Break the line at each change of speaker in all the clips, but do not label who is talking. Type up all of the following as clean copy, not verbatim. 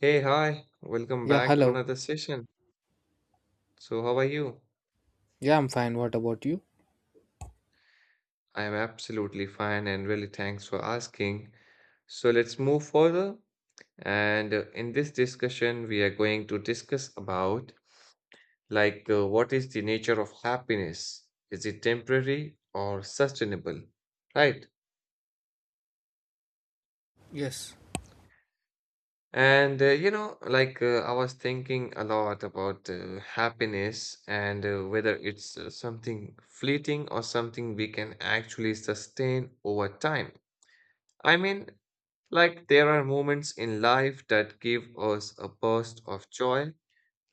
Hey, hi, welcome
Yeah,
back to
hello.
another session. So, how are you?
Yeah, I'm fine. What about you?
I am absolutely fine and really thanks for asking. So, let's move further. And in this discussion, we are going to discuss about what is the nature of happiness? Is it temporary or sustainable? Right?
Yes.
And you know, like I was thinking a lot about happiness and whether it's something fleeting or something we can actually sustain over time. I mean, like there are moments in life that give us a burst of joy,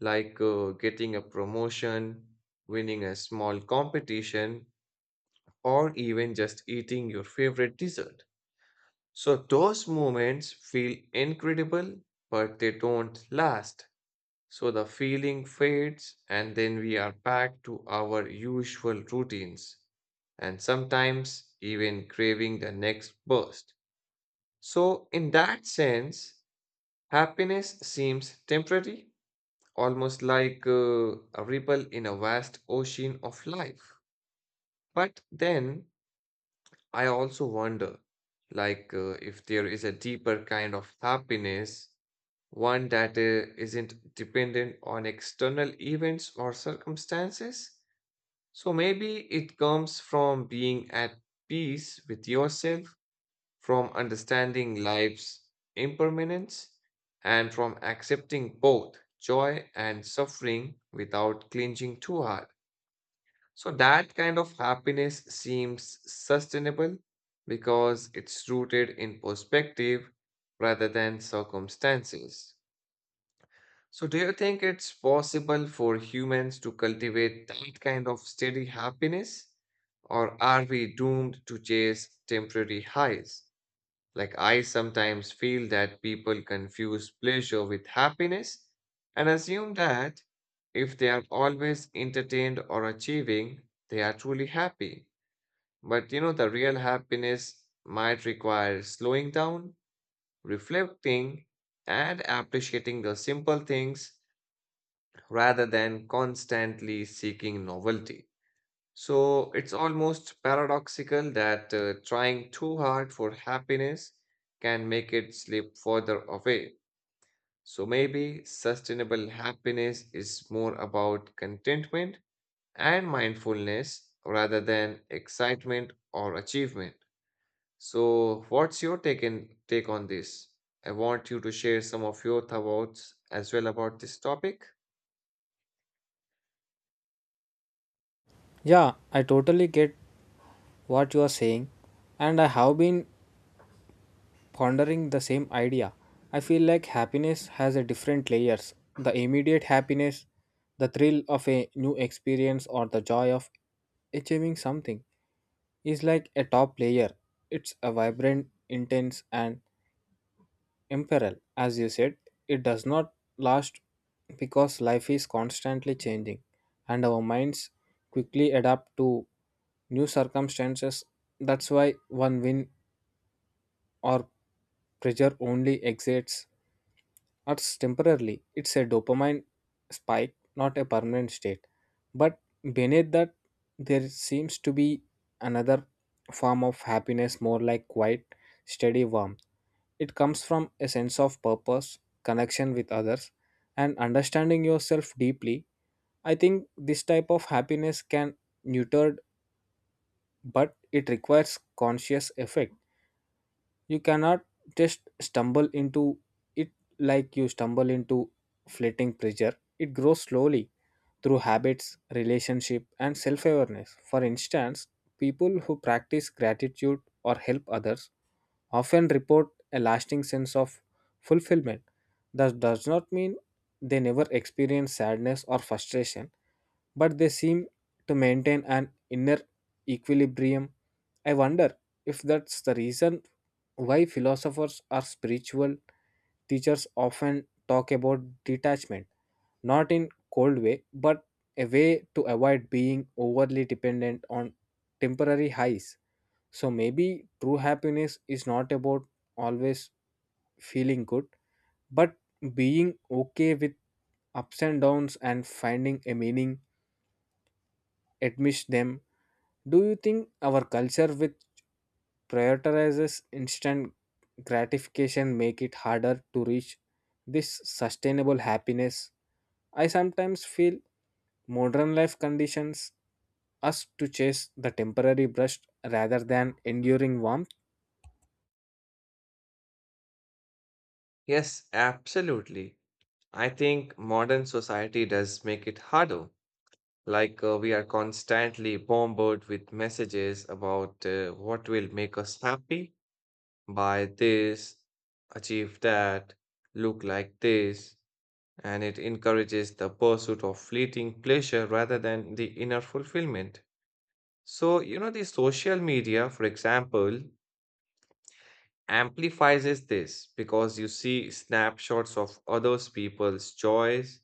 like getting a promotion, winning a small competition, or even just eating your favorite dessert. So those moments feel incredible, but they don't last so the feeling fades, and then we are back to our usual routines and sometimes even craving the next burst. So, in that sense, happiness seems temporary, almost like a ripple in a vast ocean of life. But then I also wonder if there is a deeper kind of happiness, one that isn't dependent on external events or circumstances. So maybe it comes from being at peace with yourself, from understanding life's impermanence, and from accepting both joy and suffering without clinging too hard. So that kind of happiness seems sustainable because it's rooted in perspective rather than circumstances. So, do you think it's possible for humans to cultivate that kind of steady happiness? Or are we doomed to chase temporary highs? Like, I sometimes feel that people confuse pleasure with happiness and assume that if they are always entertained or achieving, they are truly happy. But you know, the real happiness might require slowing down, reflecting, and appreciating the simple things rather than constantly seeking novelty. So it's almost paradoxical that trying too hard for happiness can make it slip further away. So maybe sustainable happiness is more about contentment and mindfulness rather than excitement or achievement. So what's your take on this? I want you to share some of your thoughts as well about this topic.
Yeah, I totally get what you are saying, and I have been pondering the same idea. I feel like happiness has a different layers. The immediate happiness, the thrill of a new experience or the joy of achieving something is like a top layer. It's a vibrant, intense and imperil, as you said, it does not last because life is constantly changing and our minds quickly adapt to new circumstances. That's why one win or pressure only exits us temporarily. It's a dopamine spike, not a permanent state. But beneath that there seems to be another form of happiness, more like quiet steady warmth. It comes from a sense of purpose, connection with others, and understanding yourself deeply. I think this type of happiness can nurtured, but it requires conscious effect. You cannot just stumble into it like you stumble into fleeting pleasure. It grows slowly through habits, relationship, and self awareness. For instance, people who practice gratitude or help others often report a lasting sense of fulfillment. That does not mean they never experience sadness or frustration, but they seem to maintain an inner equilibrium. I wonder if that's the reason why philosophers or spiritual teachers often talk about detachment, not in cold way, but a way to avoid being overly dependent on temporary highs. So maybe true happiness is not about always feeling good, but being okay with ups and downs and finding a meaning amidst them. Do you think our culture which prioritizes instant gratification make it harder to reach this sustainable happiness? I sometimes feel modern life conditions us to chase the temporary brush rather than enduring warmth.
Yes, absolutely. I think modern society does make it harder. Like we are constantly bombarded with messages about what will make us happy, buy this, achieve that, look like this, and it encourages the pursuit of fleeting pleasure rather than the inner fulfillment. So, you know, the social media, for example, amplifies this because you see snapshots of others people's joys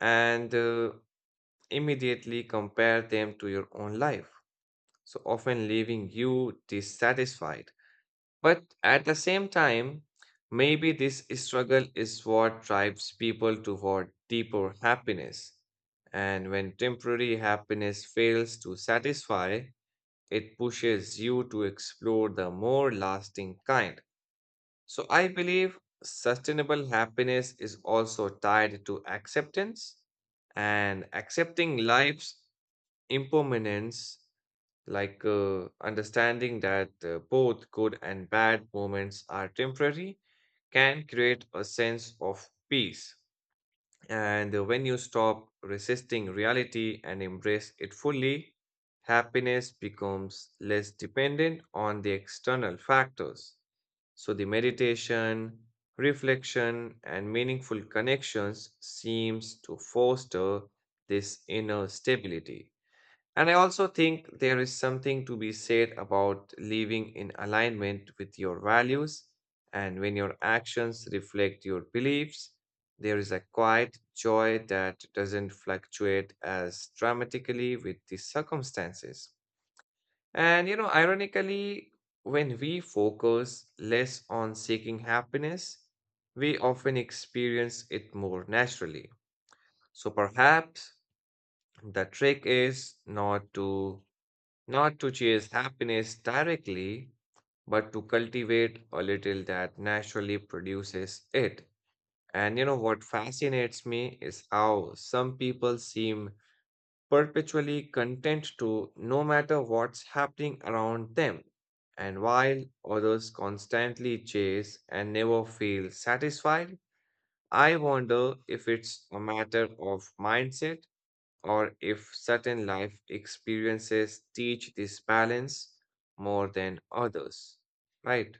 and immediately compare them to your own life. So often leaving you dissatisfied. But at the same time, maybe this struggle is what drives people toward deeper happiness. And when temporary happiness fails to satisfy, it pushes you to explore the more lasting kind. So I believe sustainable happiness is also tied to acceptance and accepting life's impermanence, like understanding that both good and bad moments are temporary, can create a sense of peace. And when you stop resisting reality and embrace it fully, happiness becomes less dependent on the external factors. So, the meditation, reflection, and meaningful connections seems to foster this inner stability. And I also think there is something to be said about living in alignment with your values. And when your actions reflect your beliefs, there is a quiet joy that doesn't fluctuate as dramatically with the circumstances. And, you know, ironically, when we focus less on seeking happiness, we often experience it more naturally. So perhaps the trick is not to chase happiness directly, but to cultivate a little that naturally produces it. And you know what fascinates me is how some people seem perpetually content to no matter what's happening around them, and while others constantly chase and never feel satisfied. I wonder if it's a matter of mindset or if certain life experiences teach this balance more than others. Right.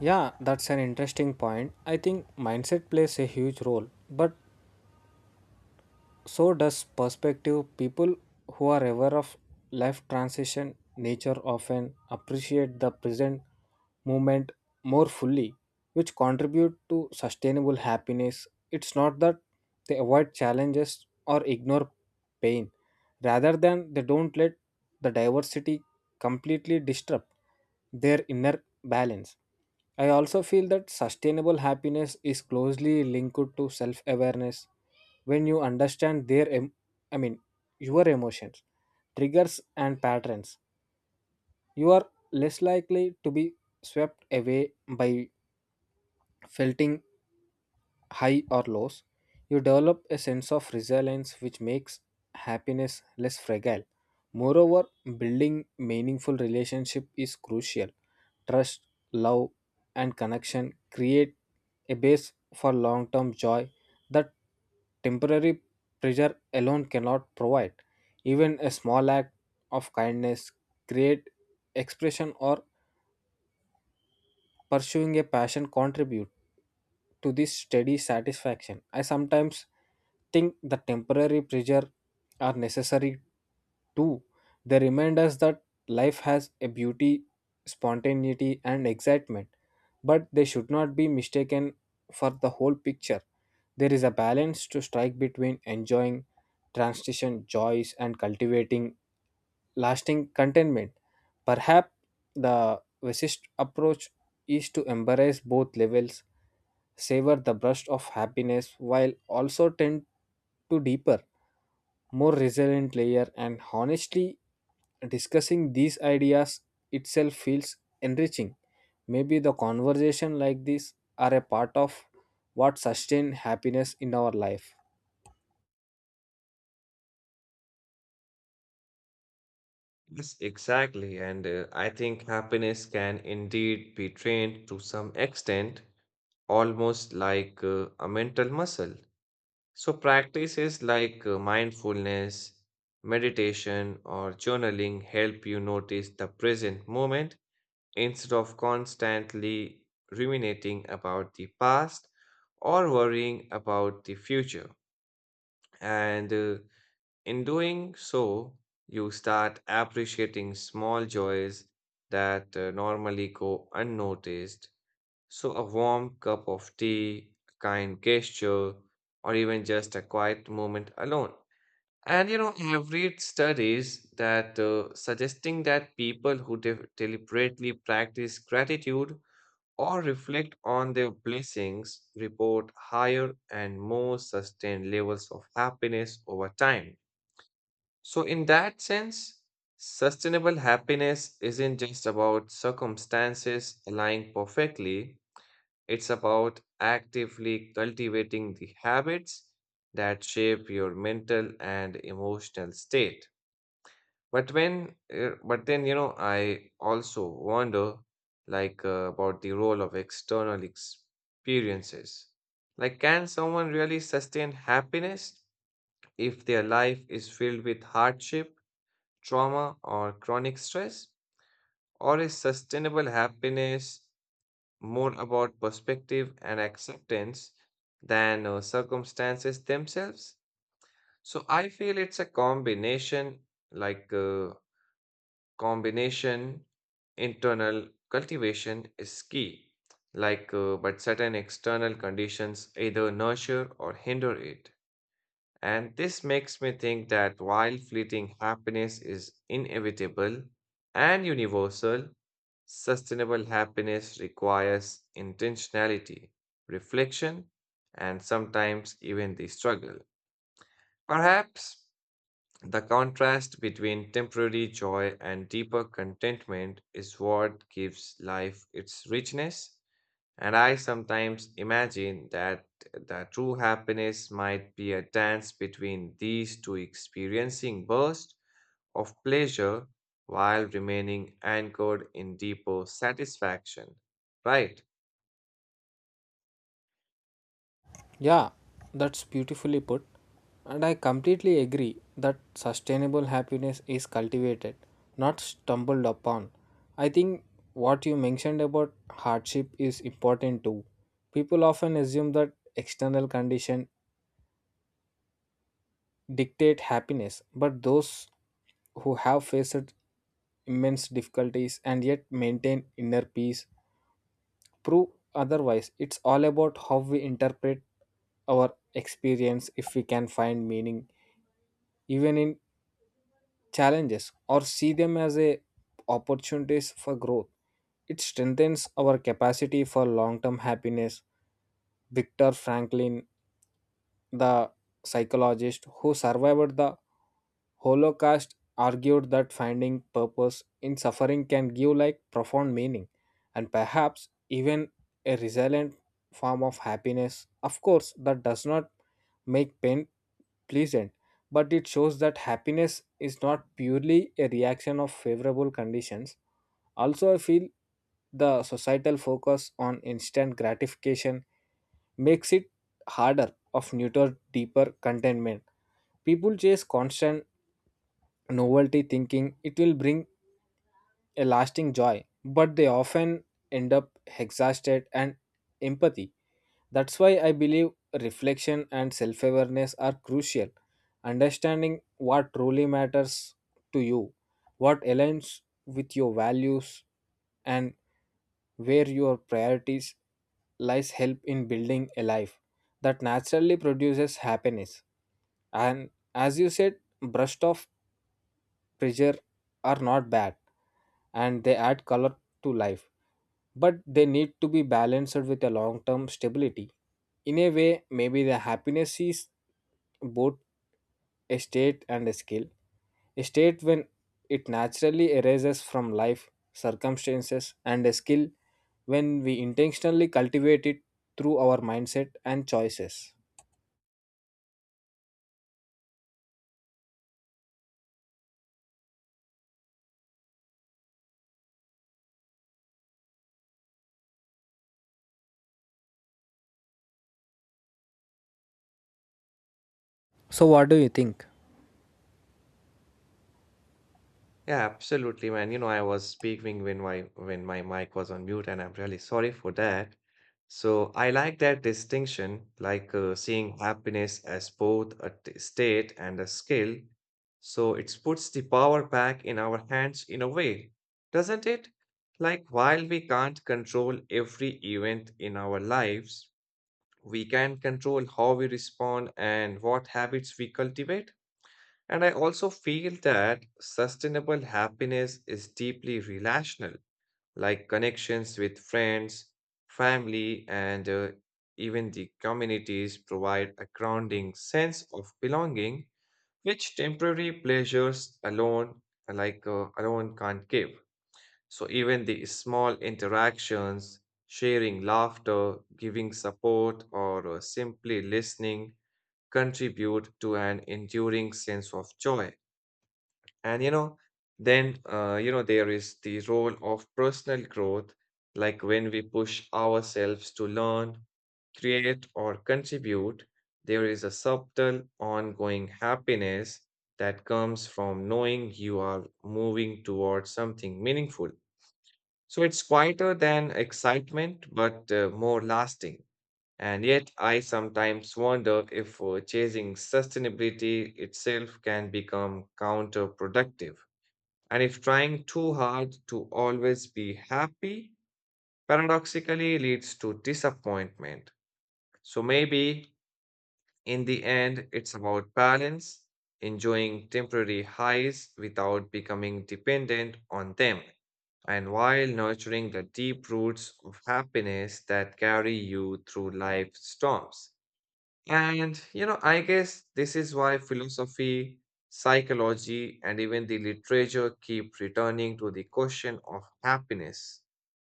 Yeah, that's an interesting point. I think mindset plays a huge role, but so does perspective. People who are aware of life transition nature often appreciate the present moment more fully, which contribute to sustainable happiness. It's not that they avoid challenges or ignore pain, rather than they don't let the diversity completely disrupt their inner balance. I also feel that sustainable happiness is closely linked to self awareness. When you understand I mean your emotions, triggers and patterns, you are less likely to be swept away by felting high or lows. You develop a sense of resilience which makes happiness less fragile. Moreover, building meaningful relationship is crucial. Trust, love, and connection create a base for long-term joy that temporary pleasure alone cannot provide. Even a small act of kindness, create expression or pursuing a passion contribute to this steady satisfaction. I sometimes think the temporary pleasure are necessary too. They remind us that life has a beauty, spontaneity, and excitement, but they should not be mistaken for the whole picture. There is a balance to strike between enjoying transition joys and cultivating lasting contentment. Perhaps the wisest approach is to embrace both levels, savor the burst of happiness while also tend to deeper, more resilient layer. And honestly, discussing these ideas itself feels enriching. Maybe the conversation like this are a part of what sustain happiness in our life.
Yes, exactly. And I think happiness can indeed be trained to some extent, almost like a mental muscle. So, practices like mindfulness, meditation, or journaling help you notice the present moment instead of constantly ruminating about the past or worrying about the future. And in doing so, you start appreciating small joys that normally go unnoticed. So, a warm cup of tea, a kind gesture, or even just a quiet moment alone. And you know, I've read studies that suggesting that people who deliberately practice gratitude or reflect on their blessings, report higher and more sustained levels of happiness over time. So, in that sense, sustainable happiness isn't just about circumstances aligning perfectly, it's about actively cultivating the habits that shape your mental and emotional state. But then, you know, I also wonder about the role of external experiences. Like, can someone really sustain happiness if their life is filled with hardship, trauma, or chronic stress? Or is sustainable happiness more about perspective and acceptance than circumstances themselves? So I feel it's a combination like uh, combination internal cultivation is key, but certain external conditions either nurture or hinder it, and this makes me think that while fleeting happiness is inevitable and universal, sustainable happiness requires intentionality, reflection, and sometimes even the struggle. Perhaps the contrast between temporary joy and deeper contentment is what gives life its richness. And I sometimes imagine that the true happiness might be a dance between these two, experiencing bursts of pleasure while remaining anchored in deeper satisfaction. Right?
Yeah, that's beautifully put. And I completely agree that sustainable happiness is cultivated, not stumbled upon. I think what you mentioned about hardship is important too. People often assume that external conditions dictate happiness, but those who have faced immense difficulties and yet maintain inner peace prove otherwise. It's all about how we interpret our experience. If we can find meaning even in challenges or see them as a opportunities for growth, it strengthens our capacity for long-term happiness. Victor Franklin, the psychologist who survived the Holocaust, argued that finding purpose in suffering can give like profound meaning and perhaps even a resilient form of happiness. Of course that does not make pain pleasant, but it shows that happiness is not purely a reaction of favorable conditions. Also, I feel the societal focus on instant gratification makes it harder of neuter deeper contentment. People chase constant novelty thinking it will bring a lasting joy, but they often end up exhausted and empathy. That's why I believe reflection and self awareness are crucial. Understanding what truly matters to you, what aligns with your values, and where your priorities lies help in building a life that naturally produces happiness. And as you said, brushed off pressure are not bad and they add color to life, but they need to be balanced with a long term stability. In a way, maybe the happiness is both a state and a skill. A state when it naturally arises from life circumstances, and a skill when we intentionally cultivate it through our mindset and choices. So, what do you think?
Yeah, absolutely, man. You know, I was speaking when my mic was on mute, and I'm really sorry for that. So I like that distinction, like seeing happiness as both a state and a skill. So it puts the power back in our hands in a way, doesn't it? Like while we can't control every event in our lives, we can control how we respond and what habits we cultivate. And I also feel that sustainable happiness is deeply relational, like connections with friends, family, and even the communities provide a grounding sense of belonging, which temporary pleasures alone, can't give. So even the small interactions, sharing laughter, giving support, or simply listening contribute to an enduring sense of joy. And you know, there is the role of personal growth, like when we push ourselves to learn, create, or contribute, there is a subtle, ongoing happiness that comes from knowing you are moving towards something meaningful. So it's quieter than excitement, but more lasting. And yet, I sometimes wonder if chasing sustainability itself can become counterproductive. And if trying too hard to always be happy paradoxically leads to disappointment. So maybe in the end, it's about balance, enjoying temporary highs without becoming dependent on them, and while nurturing the deep roots of happiness that carry you through life's storms. And, you know, I guess this is why philosophy, psychology, and even the literature keep returning to the question of happiness.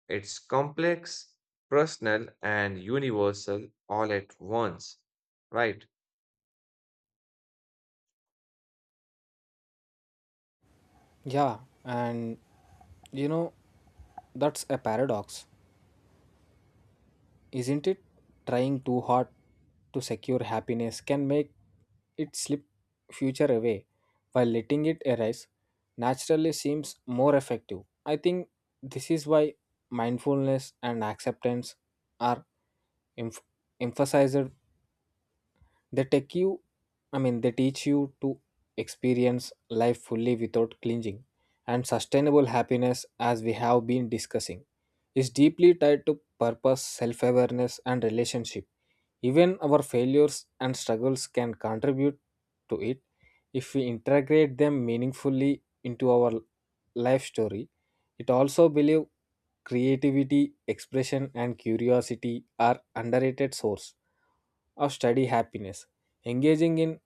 It's complex, personal, and universal all at once, right?
Yeah, and you know, that's a paradox, isn't it? Trying too hard to secure happiness can make it slip future away, while letting it arise naturally seems more effective. I think this is why mindfulness and acceptance are emph- emphasized. They take you, I mean, they teach you to experience life fully without clinging. And sustainable happiness, as we have been discussing, is deeply tied to purpose, self awareness, and relationship. Even our failures and struggles can contribute to it if we integrate them meaningfully into our life story. It also believe creativity, expression, and curiosity are underrated source of study happiness. Engaging in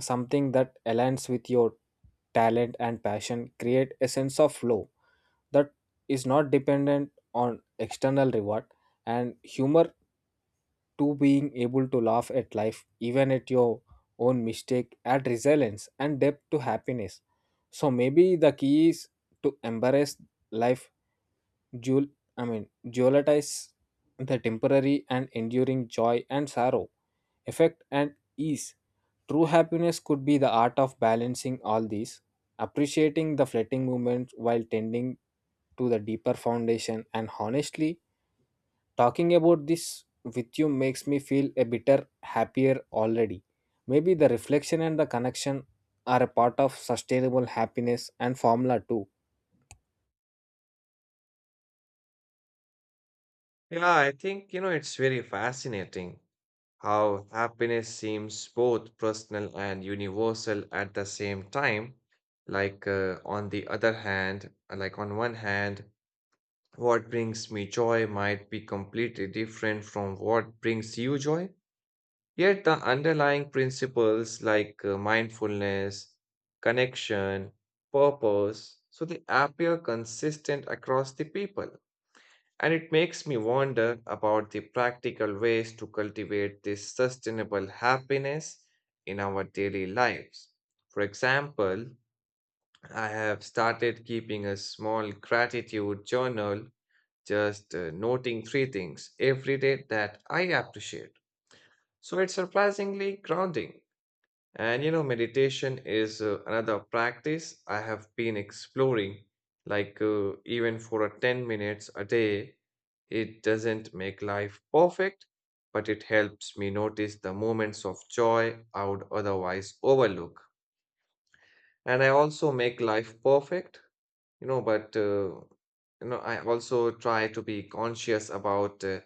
something that aligns with your talent and passion create a sense of flow that is not dependent on external reward. And humor, to being able to laugh at life even at your own mistake, add resilience and depth to happiness. So maybe the key is to embrace life Jewel, I mean, jewelitize the temporary and enduring joy and sorrow, effect and ease. True happiness could be the art of balancing all these, appreciating the fleeting moments while tending to the deeper foundation. And honestly, talking about this with you makes me feel a bitter happier already. Maybe the reflection and the connection are a part of sustainable happiness and formula too.
Yeah, I think, you know, it's very fascinating how happiness seems both personal and universal at the same time. Like, on the other hand, like, On one hand, what brings me joy might be completely different from what brings you joy. Yet the underlying principles like mindfulness, connection, purpose, so they appear consistent across the people. And it makes me wonder about the practical ways to cultivate this sustainable happiness in our daily lives. For example, I have started keeping a small gratitude journal just noting three things every day that I appreciate. So it's surprisingly grounding. And you know, meditation is another practice I have been exploring. Like, even for a 10 minutes a day, it doesn't make life perfect, but it helps me notice the moments of joy I would otherwise overlook. And I also make life perfect you know but I also try to be conscious about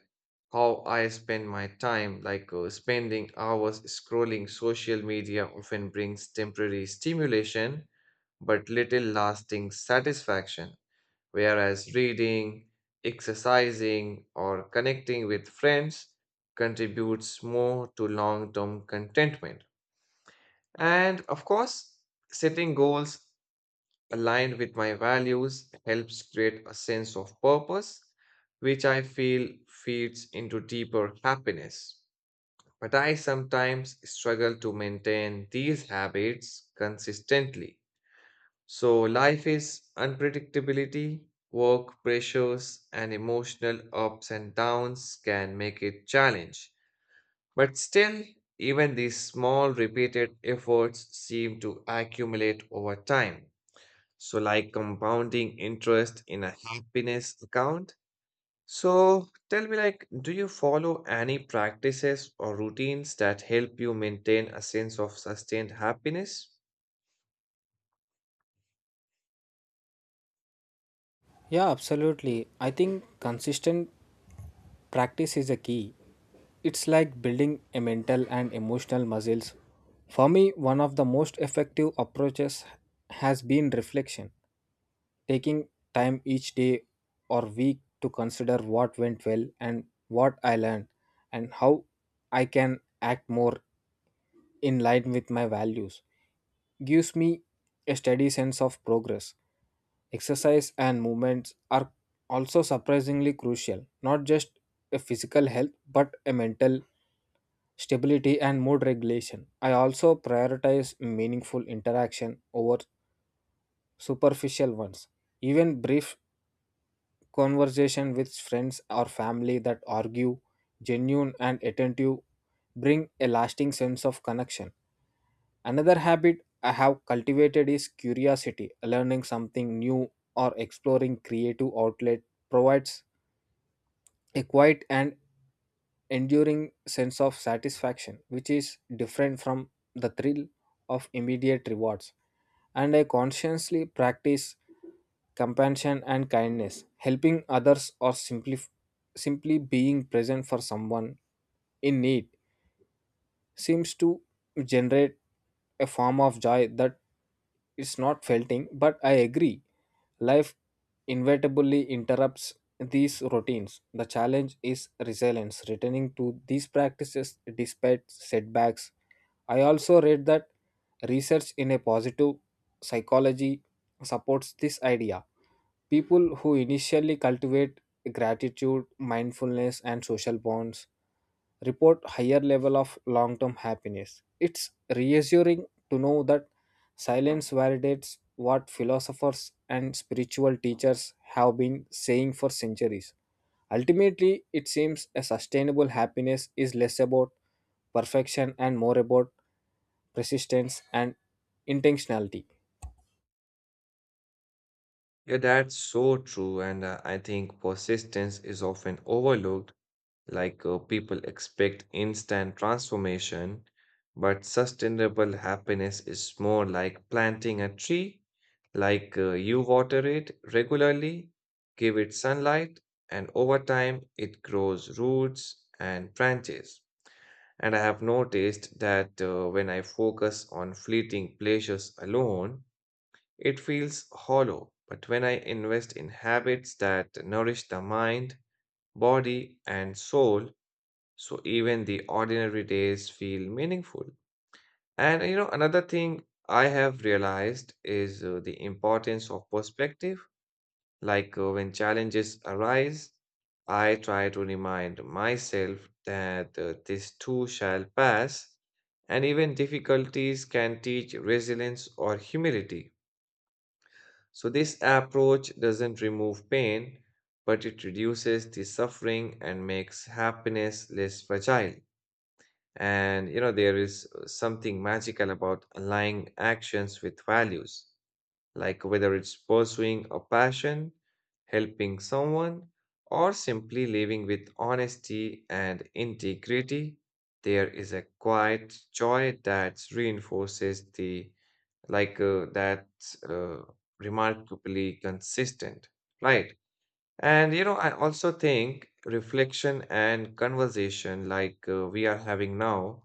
how I spend my time, like spending hours scrolling social media often brings temporary stimulation but little lasting satisfaction, whereas reading, exercising or connecting with friends contributes more to long term contentment. And of course setting goals aligned with my values helps create a sense of purpose, which I feel feeds into deeper happiness. But I sometimes struggle to maintain these habits consistently. So, life is unpredictability, work pressures, and emotional ups and downs can make it challenge. But still, even these small repeated efforts seem to accumulate over time. So, like compounding interest in a happiness account. So, tell me, like, do you follow any practices or routines that help you maintain a sense of sustained happiness?
Yeah, absolutely. I think consistent practice is a key. It's like building a mental and emotional muscles. For me, one of the most effective approaches has been reflection, taking time each day or week to consider what went well and what I learned and how I can act more in line with my values. Gives me a steady sense of progress. Exercise and movements are also surprisingly crucial, not just a physical health but a mental stability and mood regulation. I also prioritize meaningful interaction over superficial ones. Even brief conversation with friends or family that argue, genuine and attentive, bring a lasting sense of connection. Another habit I have cultivated is curiosity. Learning something new or exploring creative outlet provides a quiet and enduring sense of satisfaction, which is different from the thrill of immediate rewards. And I consciously practice compassion and kindness. Helping others or simply being present for someone in need seems to generate a form of joy that is not felting. But I agree, life inevitably interrupts these routines. The challenge is resilience, returning to these practices despite setbacks. I also read that research in a positive psychology supports this idea. People who initially cultivate gratitude, mindfulness, and social bonds report higher level of long-term happiness. It's reassuring to know that silence validates what philosophers and spiritual teachers have been saying for centuries. Ultimately, it seems a sustainable happiness is less about perfection and more about persistence and intentionality.
Yeah, that's so true. And I think persistence is often overlooked. Like people expect instant transformation, but sustainable happiness is more like planting a tree, like you water it regularly, give it sunlight, and over time it grows roots and branches. And I have noticed that when I focus on fleeting pleasures alone, it feels hollow. But when I invest in habits that nourish the mind, body, and soul, so even the ordinary days feel meaningful. And you know, another thing I have realized is the importance of perspective. Like when challenges arise, I try to remind myself that this too shall pass, and even difficulties can teach resilience or humility. So, this approach doesn't remove pain, but it reduces the suffering and makes happiness less fragile. And you know, there is something magical about aligning actions with values, like whether it's pursuing a passion, helping someone, or simply living with honesty and integrity. There is a quiet joy that reinforces the like that uh, remarkably consistent, right? And you know, I also think reflection and conversation like we are having now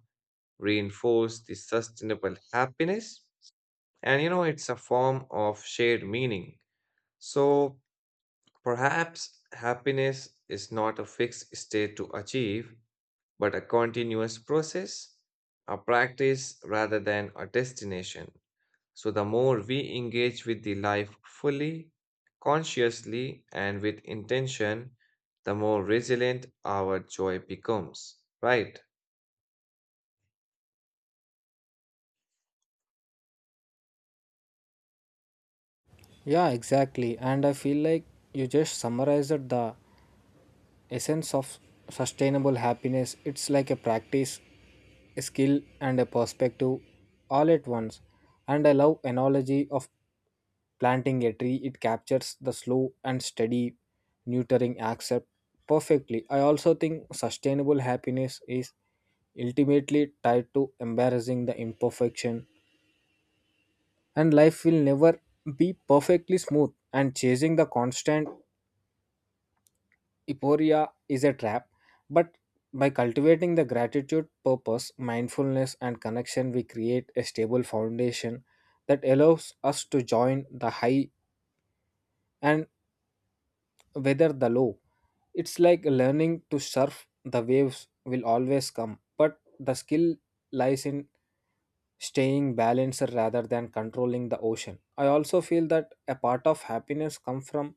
reinforce the sustainable happiness. And you know, it's a form of shared meaning. So perhaps happiness is not a fixed state to achieve, but a continuous process, a practice rather than a destination. So the more we engage with the life fully, consciously, and with intention, the more resilient our joy becomes, right?
Yeah, exactly. And I feel like you just summarized the essence of sustainable happiness. It's like a practice, a skill, and a perspective all at once. And I love analogy of planting a tree. It captures the slow and steady nurturing accept perfectly. I also think sustainable happiness is ultimately tied to embarrassing the imperfection, and life will never be perfectly smooth and chasing the constant euphoria is a trap. But by cultivating the gratitude, purpose, mindfulness, and connection, we create a stable foundation that allows us to join the high and weather the low. It's like learning to surf, the waves will always come, but the skill lies in staying balanced rather than controlling the ocean. I also feel that a part of happiness comes from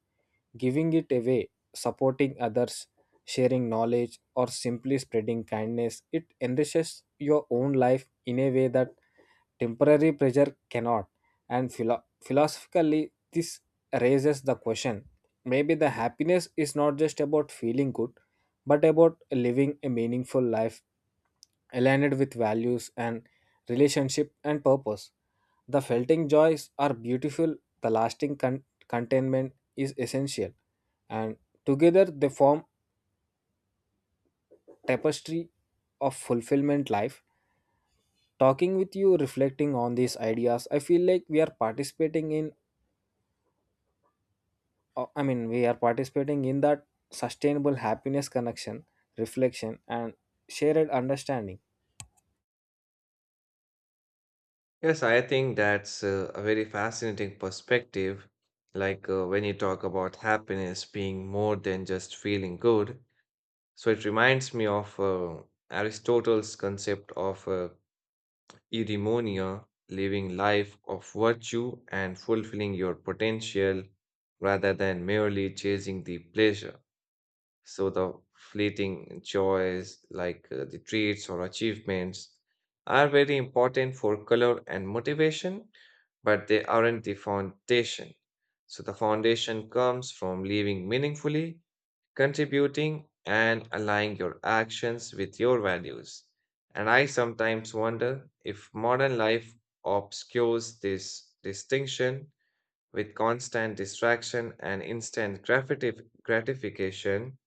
giving it away, supporting others, sharing knowledge, or simply spreading kindness. It enriches your own life in a way that temporary pressure cannot. And philosophically, this raises the question, maybe the happiness is not just about feeling good, but about living a meaningful life aligned with values and relationship and purpose. The felting joys are beautiful, the lasting contentment is essential, and together they form tapestry of fulfillment life. Talking with you, reflecting on these ideas, I feel like we are participating in I mean we are participating in that sustainable happiness connection, reflection and shared understanding.
Yes, I think that's a very fascinating perspective. Like when you talk about happiness being more than just feeling good. So it reminds me of Aristotle's concept of eudaimonia, living life of virtue and fulfilling your potential rather than merely chasing the pleasure. So the fleeting joys, like the treats or achievements, are very important for color and motivation, but they aren't the foundation. So the foundation comes from living meaningfully, contributing, and aligning your actions with your values. And I sometimes wonder if modern life obscures this distinction with constant distraction and instant gratification.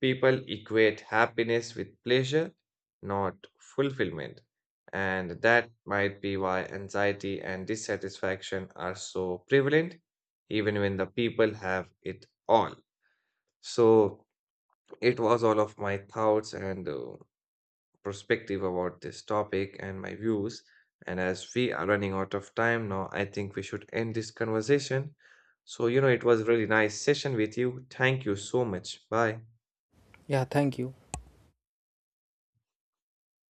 People equate happiness with pleasure, not fulfillment. And that might be why anxiety and dissatisfaction are so prevalent, even when the people have it all. So, it was all of my thoughts and perspective about this topic and my views. And as we are running out of time now, I think we should end this conversation. So, you know, it was really nice session with you. Thank you so much. Bye.
Yeah, thank you.